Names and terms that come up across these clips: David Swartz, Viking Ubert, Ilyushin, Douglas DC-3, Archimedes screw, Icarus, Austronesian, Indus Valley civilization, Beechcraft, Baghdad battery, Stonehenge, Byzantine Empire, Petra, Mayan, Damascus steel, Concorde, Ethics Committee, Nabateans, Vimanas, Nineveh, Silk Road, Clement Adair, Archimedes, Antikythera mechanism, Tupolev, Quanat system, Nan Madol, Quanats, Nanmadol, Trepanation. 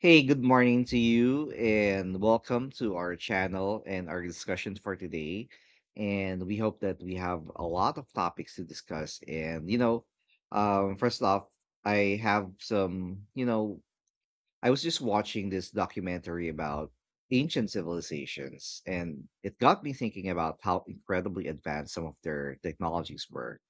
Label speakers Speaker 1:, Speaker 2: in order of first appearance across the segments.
Speaker 1: Hey, good morning to you, and welcome to our channel and our discussion for today. And we hope that we have a lot of topics to discuss. And, first off, I have some, I was just watching this documentary about ancient civilizations, and it got me thinking about how incredibly advanced some of their technologies were.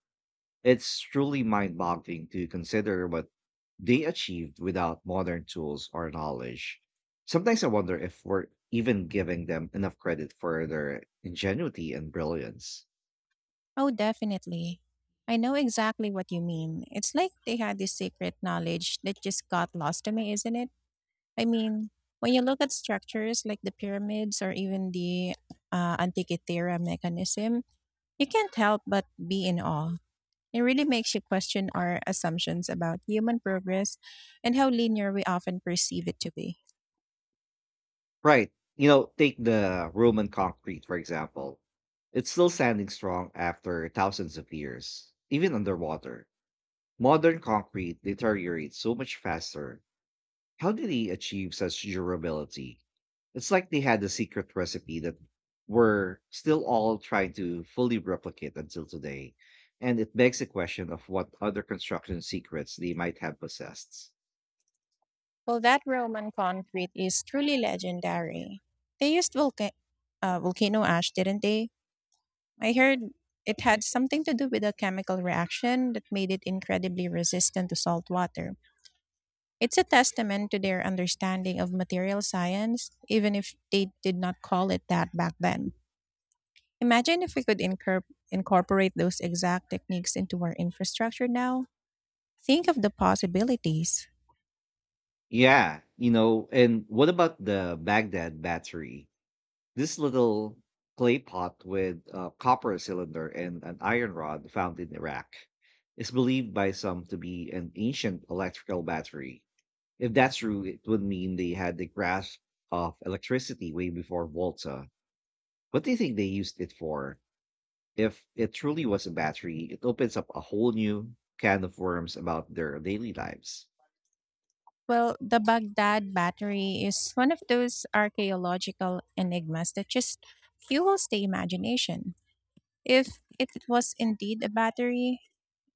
Speaker 1: It's truly mind boggling to consider what they achieved without modern tools or knowledge. Sometimes I wonder if we're even giving them enough credit for their ingenuity and brilliance.
Speaker 2: Oh, definitely. I know exactly what you mean. It's like they had this secret knowledge that just got lost to me, isn't it? I mean, when you look at structures like the pyramids or even the Antikythera mechanism, you can't help but be in awe. It really makes you question our assumptions about human progress and how linear we often perceive it to be.
Speaker 1: Right. Take the Roman concrete, for example. It's still standing strong after thousands of years, even underwater. Modern concrete deteriorates so much faster. How did he achieve such durability? It's like they had a secret recipe that we're still all trying to fully replicate until today. And it begs the question of what other construction secrets they might have possessed.
Speaker 2: Well, that Roman concrete is truly legendary. They used volcano ash, didn't they? I heard it had something to do with a chemical reaction that made it incredibly resistant to salt water. It's a testament to their understanding of material science, even if they did not call it that back then. Imagine if we could incorporate those exact techniques into our infrastructure now. Think of the possibilities.
Speaker 1: Yeah, and what about the Baghdad battery? This little clay pot with a copper cylinder and an iron rod found in Iraq is believed by some to be an ancient electrical battery. If that's true, it would mean they had the grasp of electricity way before Volta. What do you think they used it for? If it truly was a battery, it opens up a whole new can of worms about their daily lives.
Speaker 2: Well, the Baghdad battery is one of those archaeological enigmas that just fuels the imagination. If it was indeed a battery,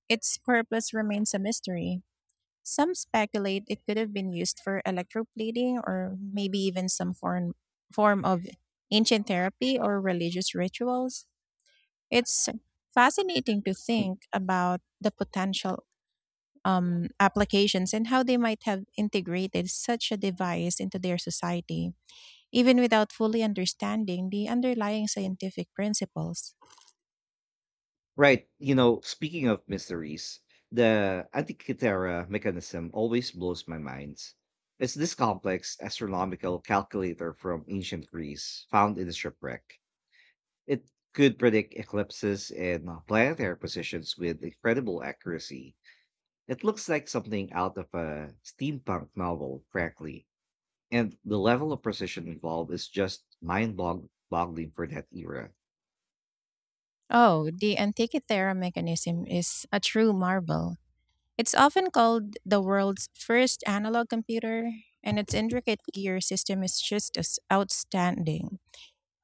Speaker 2: its purpose remains a mystery. Some speculate it could have been used for electroplating or maybe even some foreign form of ancient therapy or religious rituals. It's fascinating to
Speaker 1: Hmm.
Speaker 2: think about the potential applications and how they might have integrated such a device into their society, even without fully understanding the underlying scientific principles.
Speaker 1: Right. Speaking of mysteries, the Antikythera mechanism always blows my mind. It's this complex astronomical calculator from ancient Greece found in the shipwreck. It could predict eclipses and planetary positions with incredible accuracy. It looks like something out of a steampunk novel, frankly. And the level of precision involved is just mind boggling for that era.
Speaker 2: Oh, the Antikythera mechanism is a true marvel. It's often called the world's first analog computer, and its intricate gear system is just as outstanding.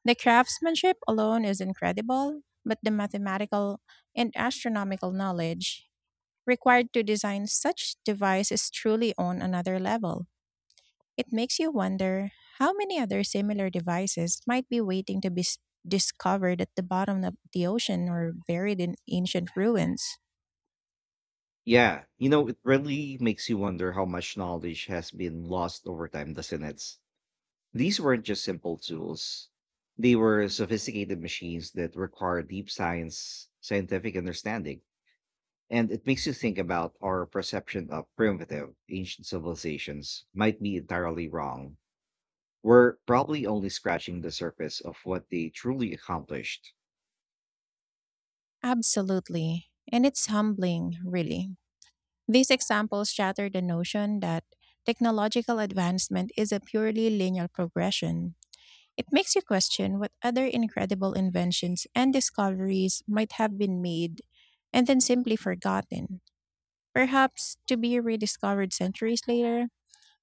Speaker 2: The craftsmanship alone is incredible, but the mathematical and astronomical knowledge required to design such device is truly on another level. It makes you wonder how many other similar devices might be waiting to be discovered at the bottom of the ocean or buried in ancient ruins.
Speaker 1: Yeah, it really makes you wonder how much knowledge has been lost over time, doesn't it? These weren't just simple tools; they were sophisticated machines that require deep science, scientific understanding. And it makes you think about our perception of primitive ancient civilizations might be entirely wrong. We're probably only scratching the surface of what they truly accomplished.
Speaker 2: Absolutely. And it's humbling, really. These examples shatter the notion that technological advancement is a purely linear progression. It makes you question what other incredible inventions and discoveries might have been made and then simply forgotten, perhaps to be rediscovered centuries later.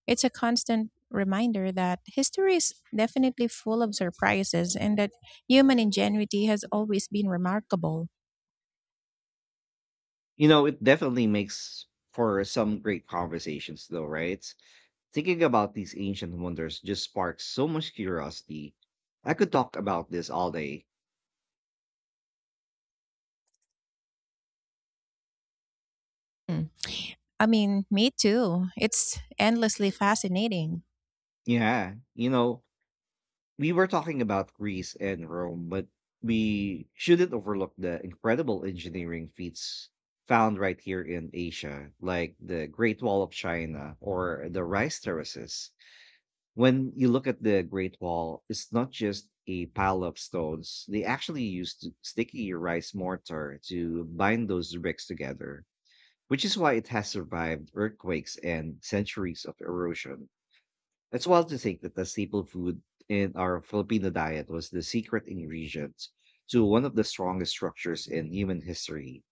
Speaker 2: It's a constant reminder that history is definitely full of surprises and that human ingenuity has always been remarkable.
Speaker 1: It definitely makes for some great conversations, though, right? Thinking about these ancient wonders just sparks so much curiosity. I could talk about this all day.
Speaker 2: Mm. I mean, me too. It's endlessly fascinating.
Speaker 1: Yeah, we were talking about Greece and Rome, but we shouldn't overlook the incredible engineering feats found right here in Asia, like the Great Wall of China or the rice terraces. When you look at the Great Wall, it's not just a pile of stones. They actually used sticky rice mortar to bind those bricks together, which is why it has survived earthquakes and centuries of erosion. It's wild to think that the staple food in our Filipino diet was the secret ingredient to one of the strongest structures in human history.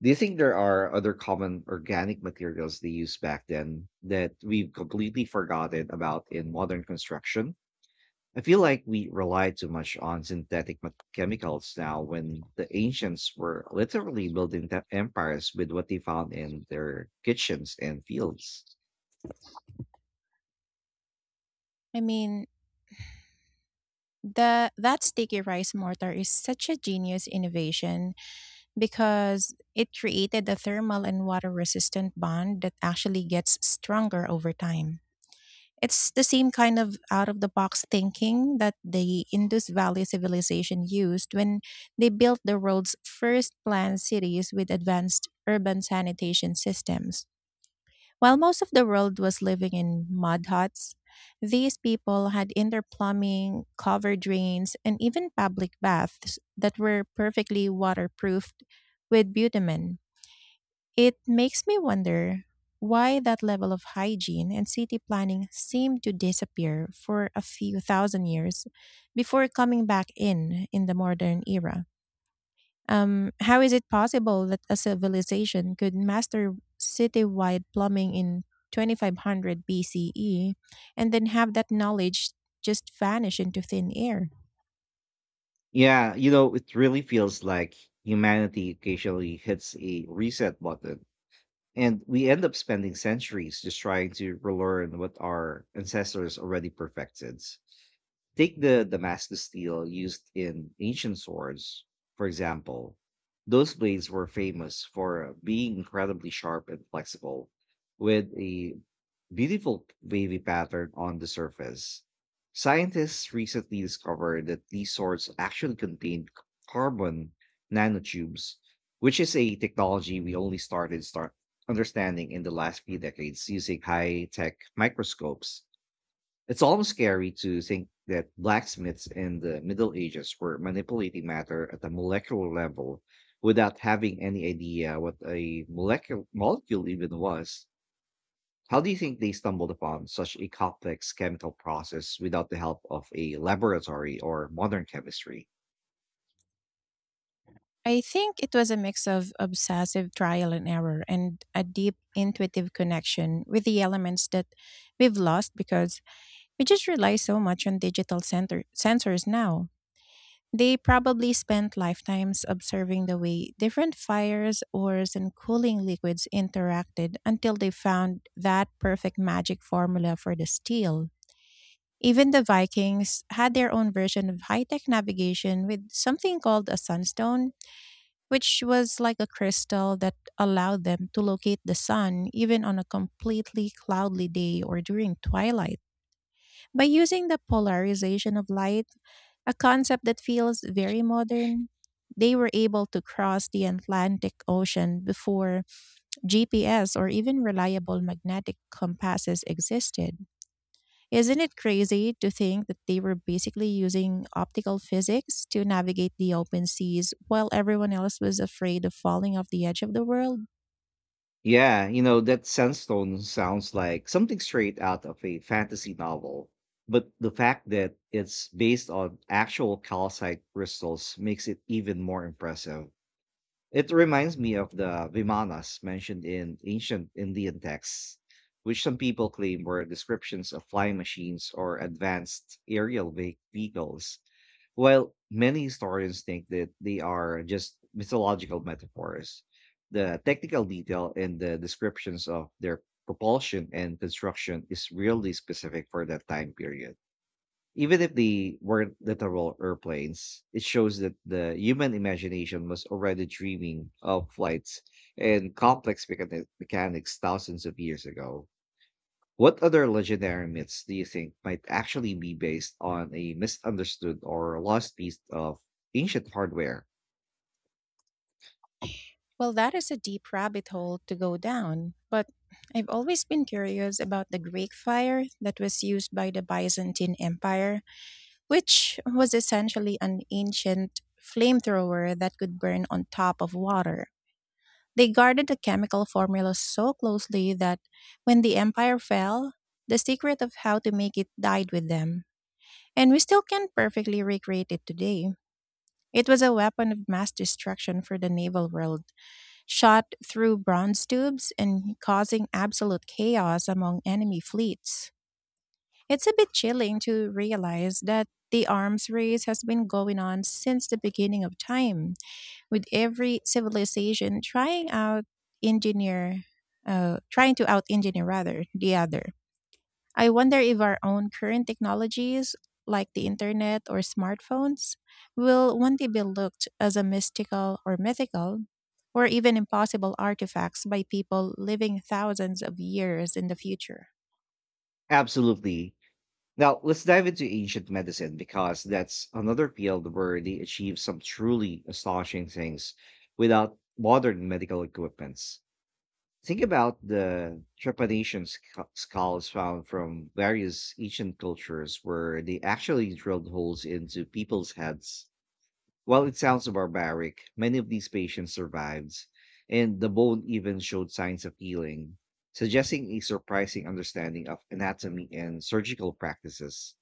Speaker 1: Do you think there are other common organic materials they used back then that we've completely forgotten about in modern construction? I feel like we rely too much on synthetic chemicals now, when the ancients were literally building the empires with what they found in their kitchens and fields.
Speaker 2: I mean, The that sticky rice mortar is such a genius innovation because it created a thermal and water resistant bond that actually gets stronger over time. It's the same kind of out of the box thinking that the Indus Valley civilization used when they built the world's first planned cities with advanced urban sanitation systems. While most of the world was living in mud huts, these people had indoor plumbing, covered drains, and even public baths that were perfectly waterproofed with bitumen. It makes me wonder why that level of hygiene and city planning seemed to disappear for a few thousand years before coming back in the modern era. How is it possible that a civilization could master citywide plumbing in 2500 BCE and then have that knowledge just vanish into thin air?
Speaker 1: Yeah, it really feels like humanity occasionally hits a reset button, and we end up spending centuries just trying to relearn what our ancestors already perfected. Take the Damascus steel used in ancient swords, for example. Those blades were famous for being incredibly sharp and flexible, with a beautiful wavy pattern on the surface. Scientists recently discovered that these sorts actually contain carbon nanotubes, which is a technology we only start understanding in the last few decades using high-tech microscopes. It's almost scary to think that blacksmiths in the Middle Ages were manipulating matter at a molecular level without having any idea what a molecule even was. How do you think they stumbled upon such a complex chemical process without the help of a laboratory or modern chemistry?
Speaker 2: I think it was a mix of obsessive trial and error and a deep intuitive connection with the elements that we've lost because we just rely so much on digital sensors now. They probably spent lifetimes observing the way different fires, ores, and cooling liquids interacted until they found that perfect magic formula for the steel. Even the Vikings had their own version of high tech navigation with something called a sunstone, which was like a crystal that allowed them to locate the sun even on a completely cloudy day or during twilight. By using the polarization of light, a concept that feels very modern, they were able to cross the Atlantic Ocean before GPS or even reliable magnetic compasses existed. Isn't it crazy to think that they were basically using optical physics to navigate the open seas while everyone else was afraid of falling off the edge of the world?
Speaker 1: Yeah, that sandstone sounds like something straight out of a fantasy novel. But the fact that it's based on actual calcite crystals makes it even more impressive. It reminds me of the Vimanas mentioned in ancient Indian texts, which some people claim were descriptions of flying machines or advanced aerial vehicles, while many historians think that they are just mythological metaphors. The technical detail in the descriptions of their propulsion and construction is really specific for that time period. Even if they weren't literal airplanes, it shows that the human imagination was already dreaming of flights and complex mechanics thousands of years ago. What other legendary myths do you think might actually be based on a misunderstood or lost piece of ancient hardware?
Speaker 2: Well, that is a deep rabbit hole to go down, but I've always been curious about the Greek fire that was used by the Byzantine Empire, which was essentially an ancient flamethrower that could burn on top of water. They guarded the chemical formula so closely that when the empire fell, the secret of how to make it died with them. And we still can't perfectly recreate it today. It was a weapon of mass destruction for the naval world, shot through bronze tubes and causing absolute chaos among enemy fleets. It's a bit chilling to realize that the arms race has been going on since the beginning of time, with every civilization engineer, trying to out engineer rather the other. I wonder if our own current technologies, like the internet or smartphones, will one day be looked as a mystical or mythical, or even impossible artifacts by people living thousands of years in the future.
Speaker 1: Absolutely. Now, let's dive into ancient medicine, because that's another field where they achieve some truly astonishing things without modern medical equipments. Think about the trepanation skulls found from various ancient cultures, where they actually drilled holes into people's heads. While it sounds barbaric, many of these patients survived, and the bone even showed signs of healing, suggesting a surprising understanding of anatomy and surgical practices.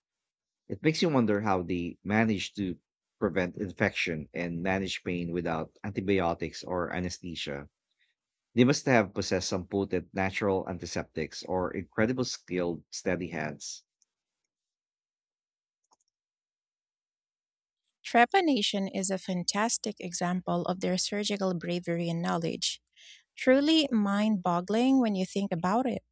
Speaker 1: It makes you wonder how they managed to prevent infection and manage pain without antibiotics or anesthesia. They must have possessed some potent natural antiseptics or incredible skilled, steady hands.
Speaker 2: Trepanation is a fantastic example of their surgical bravery and knowledge, truly mind boggling when you think about it.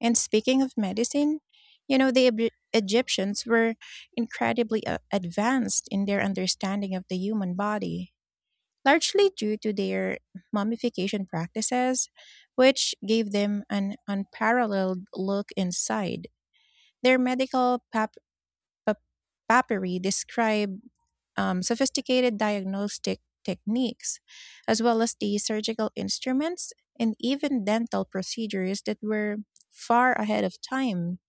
Speaker 2: And speaking of medicine, the Egyptians were incredibly advanced in their understanding of the human body, largely due to their mummification practices, which gave them an unparalleled look inside. Their medical pap- papyri describe sophisticated diagnostic techniques, as well as the surgical instruments and even dental procedures that were far ahead of time.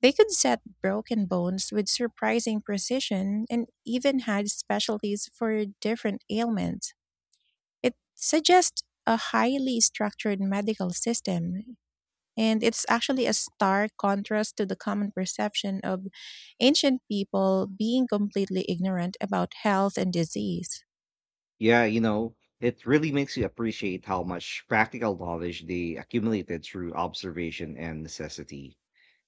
Speaker 2: They could set broken bones with surprising precision and even had specialties for different ailments. It suggests a highly structured medical system, and it's actually a stark contrast to the common perception of ancient people being completely ignorant about health and disease.
Speaker 1: Yeah, it really makes you appreciate how much practical knowledge they accumulated through observation and necessity.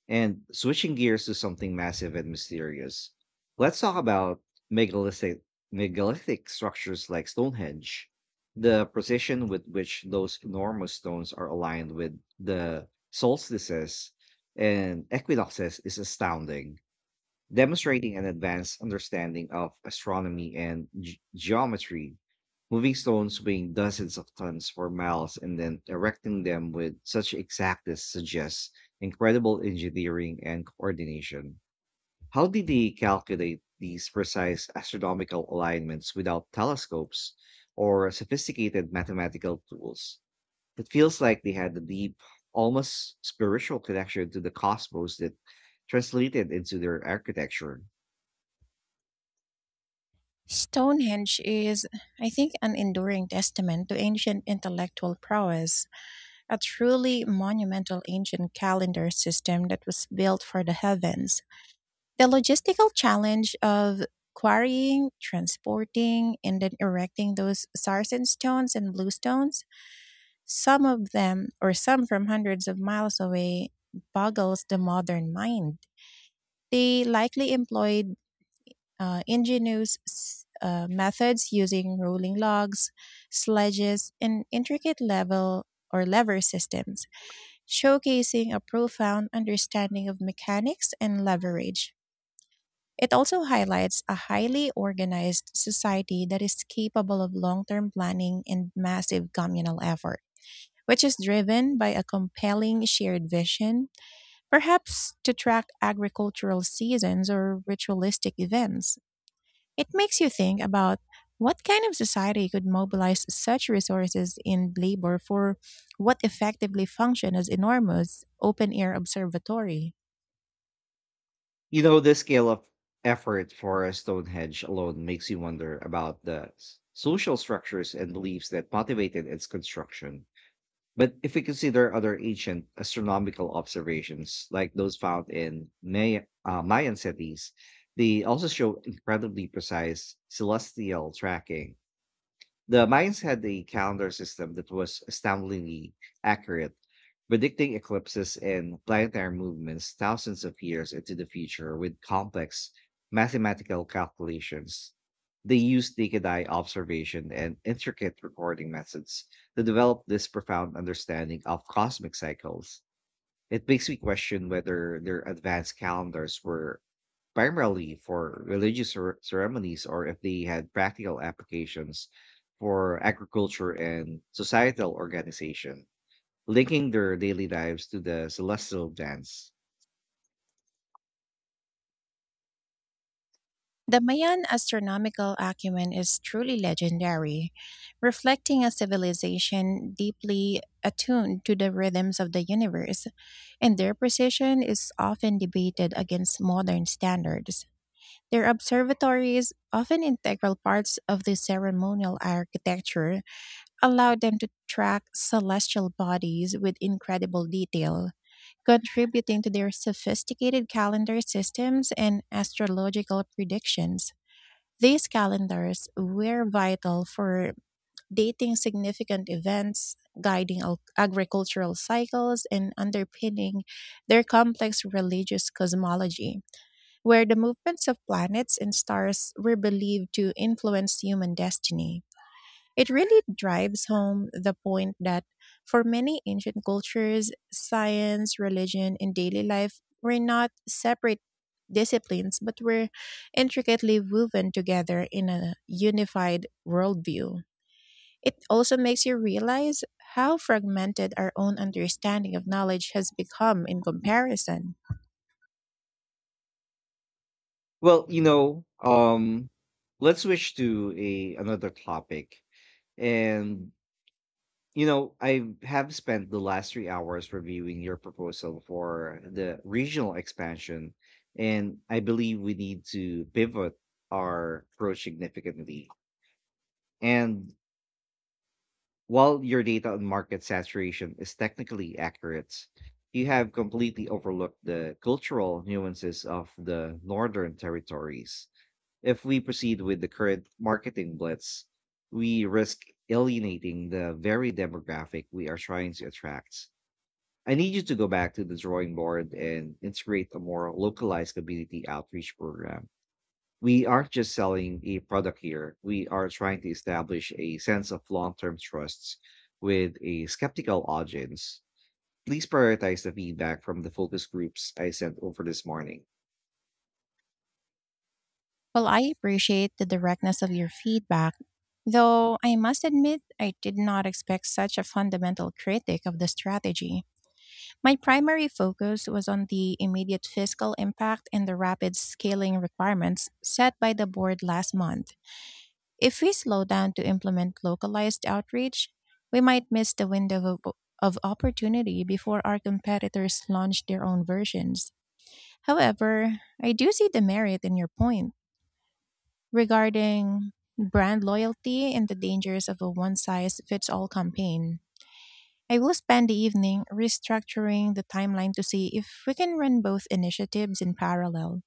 Speaker 1: And switching gears to something massive and mysterious, let's talk about megalithic, megalithic structures like Stonehenge. The precision with which those enormous stones are aligned with the solstices and equinoxes is astounding, demonstrating an advanced understanding of astronomy and geometry. Moving stones weighing dozens of tons for miles and then erecting them with such exactness suggests incredible engineering and coordination. How did they calculate these precise astronomical alignments without telescopes or sophisticated mathematical tools? It feels like they had a deep, almost spiritual connection to the cosmos that translated into their architecture.
Speaker 2: Stonehenge is, I think, an enduring testament to ancient intellectual prowess, a truly monumental ancient calendar system that was built for the heavens. The logistical challenge of quarrying, transporting, and then erecting those sarsen stones and bluestones, some of them, or some from hundreds of miles away, boggles the modern mind. They likely employed ingenious methods using rolling logs, sledges, and intricate level or lever systems, showcasing a profound understanding of mechanics and leverage. It also highlights a highly organized society that is capable of long term planning and massive communal effort, which is driven by a compelling shared vision, perhaps to track agricultural seasons or ritualistic events. It makes you think about what kind of society could mobilize such resources in labor for what effectively functioned as enormous open air observatory.
Speaker 1: The scale of effort for a Stonehenge alone makes you wonder about the social structures and beliefs that motivated its construction. But if we consider other ancient astronomical observations, like those found in Mayan cities, they also show incredibly precise celestial tracking. The Mayans had a calendar system that was astoundingly accurate, predicting eclipses and planetary movements thousands of years into the future with complex mathematical calculations. They used naked eye observation and intricate recording methods to develop this profound understanding of cosmic cycles. It makes me question whether their advanced calendars were primarily for religious ceremonies, or if they had practical applications for agriculture and societal organization, linking their daily lives to the celestial dance.
Speaker 2: The Mayan astronomical acumen is truly legendary, reflecting a civilization deeply attuned to the rhythms of the universe, and their precision is often debated against modern standards. Their observatories, often integral parts of the ceremonial architecture, allowed them to track celestial bodies with incredible detail, contributing to their sophisticated calendar systems and astrological predictions. These calendars were vital for dating significant events, guiding agricultural cycles, and underpinning their complex religious cosmology, where the movements of planets and stars were believed to influence human destiny. It really drives home the point that for many ancient cultures, science, religion, and daily life were not separate disciplines but were intricately woven together in a unified worldview. It also makes you realize how fragmented our own understanding of knowledge has become in comparison.
Speaker 1: Well, let's switch to a another topic. And I have spent the last 3 hours reviewing your proposal for the regional expansion, and I believe we need to pivot our approach significantly. And while your data on market saturation is technically accurate, you have completely overlooked the cultural nuances of the northern territories. If we proceed with the current marketing blitz, we risk alienating the very demographic we are trying to attract. I need you to go back to the drawing board and integrate a more localized community outreach program. We aren't just selling a product here. We are trying to establish a sense of long term trusts with a skeptical audience. Please prioritize the feedback from the focus groups I sent over this morning.
Speaker 2: Well, I appreciate the directness of your feedback, though I must admit I did not expect such a fundamental critic of the strategy. My primary focus was on the immediate fiscal impact and the rapid scaling requirements set by the board last month. If we slow down to implement localized outreach, we might miss the window of opportunity before our competitors launch their own versions. However, I do see the merit in your point regarding brand loyalty and the dangers of a one size fits all campaign. I will spend the evening restructuring the timeline to see if we can run both initiatives in parallel.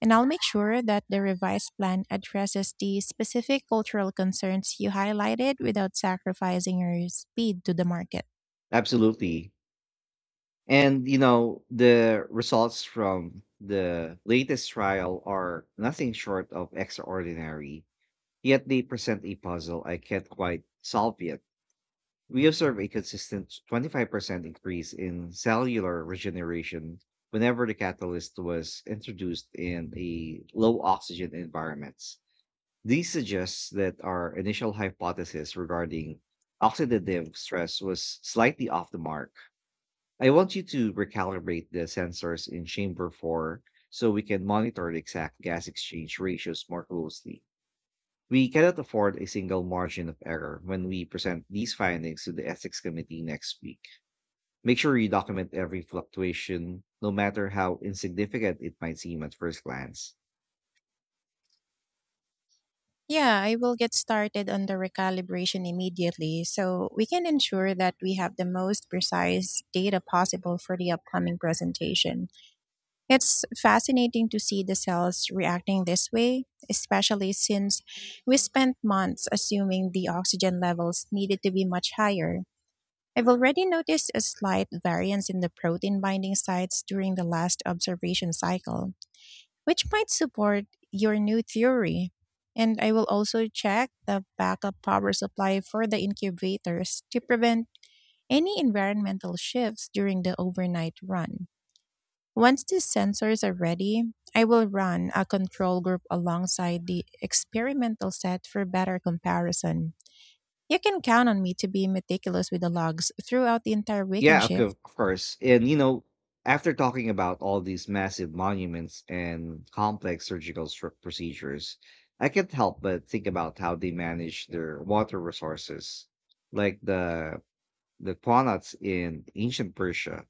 Speaker 2: And I'll make sure that the revised plan addresses the specific cultural concerns you highlighted without sacrificing your speed to the market.
Speaker 1: Absolutely. And, the results from the latest trial are nothing short of extraordinary, yet they present a puzzle I can't quite solve yet. We observe a consistent 25% increase in cellular regeneration whenever the catalyst was introduced in a low oxygen environments. This suggests that our initial hypothesis regarding oxidative stress was slightly off the mark. I want you to recalibrate the sensors in chamber 4 so we can monitor the exact gas exchange ratios more closely. We cannot afford a single margin of error when we present these findings to the Ethics Committee next week. Make sure you document every fluctuation, no matter how insignificant it might seem at first glance.
Speaker 2: Yeah, I will get started on the recalibration immediately so we can ensure that we have the most precise data possible for the upcoming presentation. It's fascinating to see the cells reacting this way, especially since we spent months assuming the oxygen levels needed to be much higher. I've already noticed a slight variance in the protein binding sites during the last observation cycle, which might support your new theory. And I will also check the backup power supply for the incubators to prevent any environmental shifts during the overnight run. Once the sensors are ready, I will run a control group alongside the experimental set for better comparison. You can count on me to be meticulous with the logs throughout the entire weekend
Speaker 1: Yeah,
Speaker 2: shift.
Speaker 1: of course. And, after talking about all these massive monuments and complex surgical procedures, I can't help but think about how they manage their water resources, like the Quanats in ancient Persia.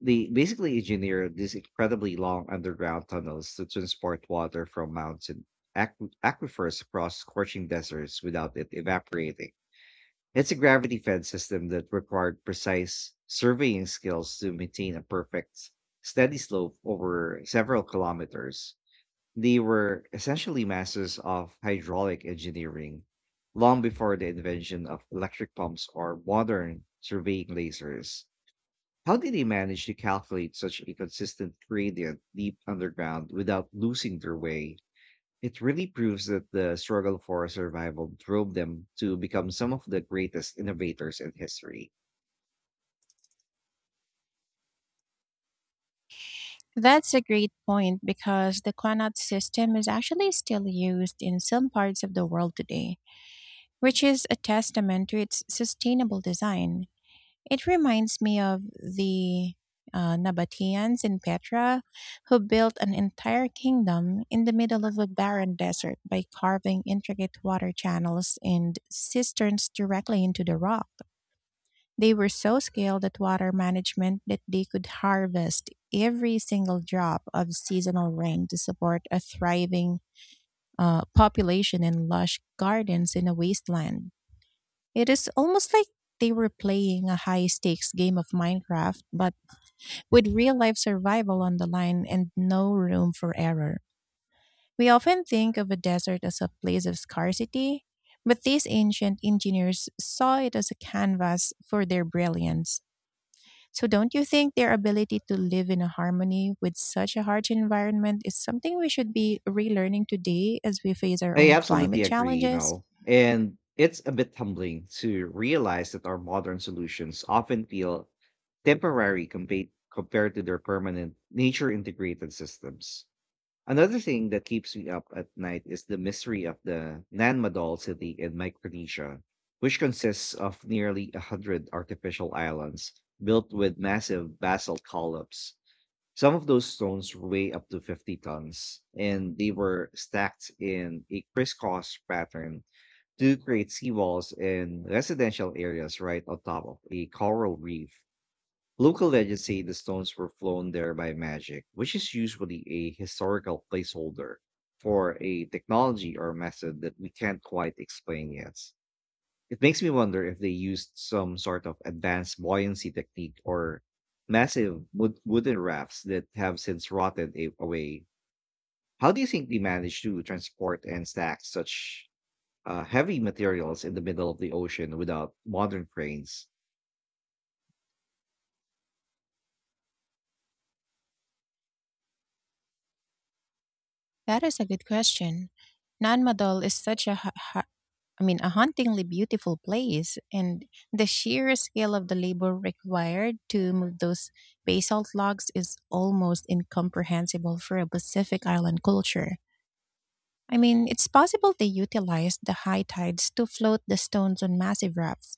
Speaker 1: They basically engineered these incredibly long underground tunnels to transport water from mountain aquifers across scorching deserts without it evaporating. It's a gravity fed system that required precise surveying skills to maintain a perfect, steady slope over several kilometers. They were essentially masters of hydraulic engineering long before the invention of electric pumps or modern surveying lasers. How did they manage to calculate such a consistent gradient deep underground without losing their way? It really proves that the struggle for survival drove them to become some of the greatest innovators in history.
Speaker 2: That's a great point because the Quanat system is actually still used in some parts of the world today, which is a testament to its sustainable design. It reminds me of the Nabateans in Petra, who built an entire kingdom in the middle of a barren desert by carving intricate water channels and cisterns directly into the rock. They were so skilled at water management that they could harvest every single drop of seasonal rain to support a thriving population and lush gardens in a wasteland. It is almost like they were playing a high stakes game of Minecraft, but with real life survival on the line and no room for error. We often think of a desert as a place of scarcity, but these ancient engineers saw it as a canvas for their brilliance. So, don't you think their ability to live in a harmony with such a harsh environment is something we should be relearning today as we face our
Speaker 1: I
Speaker 2: own climate
Speaker 1: absolutely agree,
Speaker 2: challenges?
Speaker 1: and it's a bit humbling to realize that our modern solutions often feel temporary compared to their permanent nature integrated systems. Another thing that keeps me up at night is the mystery of the Nan Madol city in Micronesia, which consists of nearly 100 artificial islands built with massive basalt columns. Some of those stones weigh up to 50 tons, and they were stacked in a crisscross pattern to create seawalls and residential areas right on top of a coral reef. Local legends say the stones were flown there by magic, which is usually a historical placeholder for a technology or method that we can't quite explain yet. It makes me wonder if they used some sort of advanced buoyancy technique or massive wooden rafts that have since rotted away. How do you think they managed to transport and stack such heavy materials in the middle of the ocean without modern cranes?
Speaker 2: That is a good question. Nanmadol is such a I mean, a hauntingly beautiful place, and the sheer scale of the labor required to move those basalt logs is almost incomprehensible for a Pacific island culture. I mean, it's possible they utilized the high tides to float the stones on massive rafts,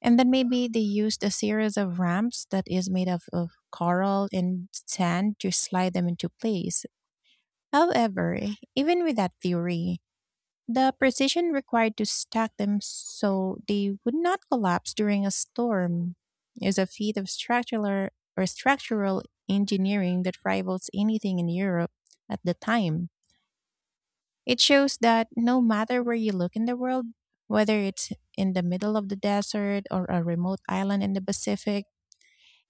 Speaker 2: and then maybe they used a series of ramps that is made of coral and sand to slide them into place. However, even with that theory, the precision required to stack them so they would not collapse during a storm is a feat of structural engineering that rivals anything in Europe at the time. It shows that no matter where you look in the world, whether it's in the middle of the desert or a remote island in the Pacific,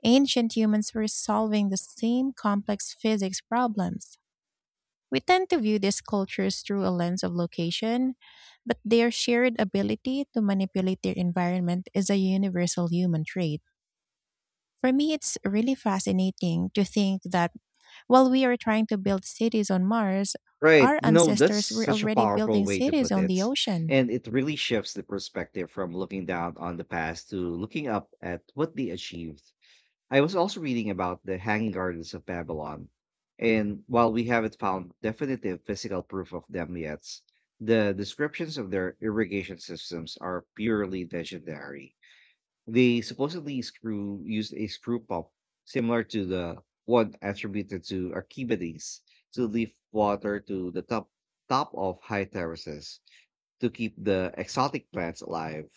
Speaker 2: ancient humans were solving the same complex physics problems. We tend to view these cultures through a lens of location, but their shared ability to manipulate their environment is a universal human trait. For me, it's really fascinating to think that while we are trying to build cities on Mars,
Speaker 1: Right.
Speaker 2: our
Speaker 1: That's
Speaker 2: ancestors were
Speaker 1: such a
Speaker 2: already
Speaker 1: powerful
Speaker 2: building
Speaker 1: way to
Speaker 2: cities
Speaker 1: put
Speaker 2: on the
Speaker 1: it.
Speaker 2: ocean.
Speaker 1: And it really shifts the perspective from looking down on the past to looking up at what they achieved. I was also reading about the Hanging Gardens of Babylon. And while we haven't found definitive physical proof of them yet, the descriptions of their irrigation systems are purely legendary. They supposedly screw used a screw pump similar to the one attributed to Archimedes to lift water to the top of high terraces to keep the exotic plants alive.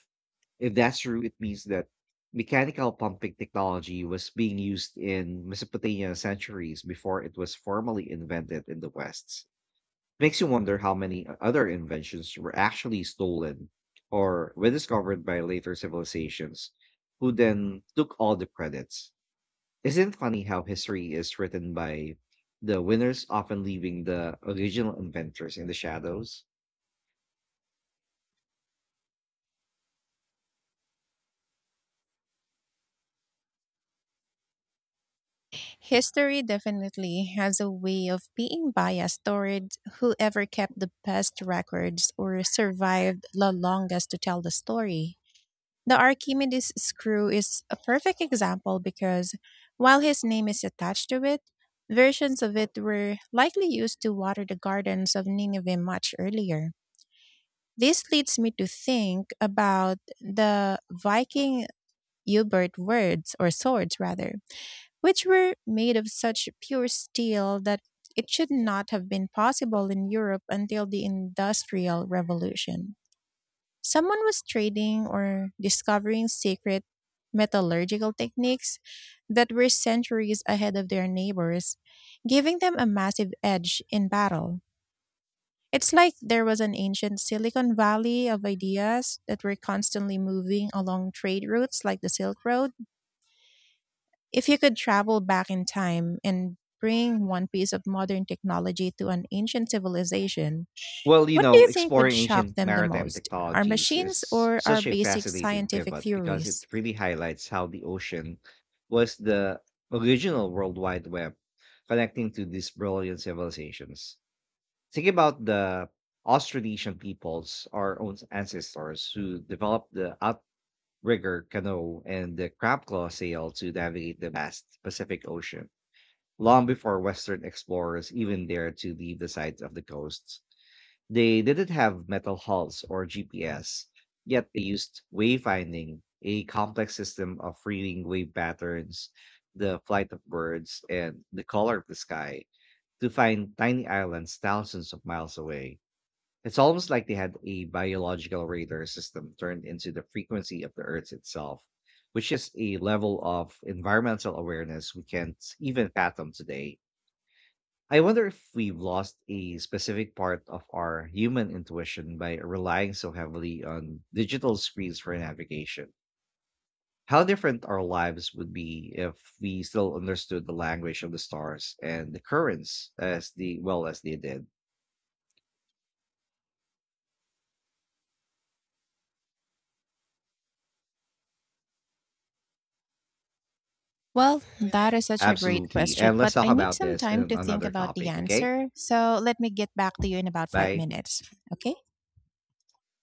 Speaker 1: If that's true, it means that mechanical pumping technology was being used in Mesopotamia centuries before it was formally invented in the West. Makes you wonder how many other inventions were actually stolen or were discovered by later civilizations who then took all the credits. Isn't it funny how history is written by the winners, often leaving the original inventors in the shadows?
Speaker 2: History definitely has a way of being biased toward whoever kept the best records or survived the longest to tell the story. The Archimedes screw is a perfect example because while his name is attached to it, versions of it were likely used to water the gardens of Nineveh much earlier. This leads me to think about the Viking Ubert words or swords rather, which were made of such pure steel that it should not have been possible in Europe until the Industrial Revolution. Someone was trading or discovering secret metallurgical techniques that were centuries ahead of their neighbors, giving them a massive edge in battle. It's like there was an ancient Silicon Valley of ideas that were constantly moving along trade routes like the Silk Road. If you could travel back in time and bring one piece of modern technology to an ancient civilization,
Speaker 1: Well,
Speaker 2: what do you think would
Speaker 1: exploring
Speaker 2: shock
Speaker 1: ancient
Speaker 2: them the
Speaker 1: maritime
Speaker 2: most? Our
Speaker 1: technologies
Speaker 2: machines
Speaker 1: is
Speaker 2: or our
Speaker 1: such a
Speaker 2: basic
Speaker 1: fascinating
Speaker 2: scientific
Speaker 1: pivot, because it
Speaker 2: theories?
Speaker 1: really highlights how the ocean was the original World Wide Web connecting to these brilliant civilizations. Think about the Austronesian peoples, our own ancestors, who developed the outrigger canoe and the crab claw sail to navigate the vast Pacific Ocean, long before Western explorers even dared to leave the sides of the coasts. They didn't have metal hulls or GPS, yet they used wayfinding, a complex system of reading wave patterns, the flight of birds, and the color of the sky to find tiny islands thousands of miles away. It's almost like they had a biological radar system turned into the frequency of the Earth itself, which is a level of environmental awareness we can't even fathom today. I wonder if we've lost a specific part of our human intuition by relying so heavily on digital screens for navigation. How different our lives would be if we still understood the language of the stars and the currents as the well as they did.
Speaker 2: Well, that is such a great
Speaker 1: Absolutely.
Speaker 2: question,
Speaker 1: And let's
Speaker 2: but
Speaker 1: talk
Speaker 2: I need
Speaker 1: about
Speaker 2: some
Speaker 1: this
Speaker 2: time
Speaker 1: in
Speaker 2: to think
Speaker 1: another
Speaker 2: about the
Speaker 1: topic, okay?
Speaker 2: answer. So let me get back to you in about five
Speaker 1: Bye.
Speaker 2: minutes. Okay?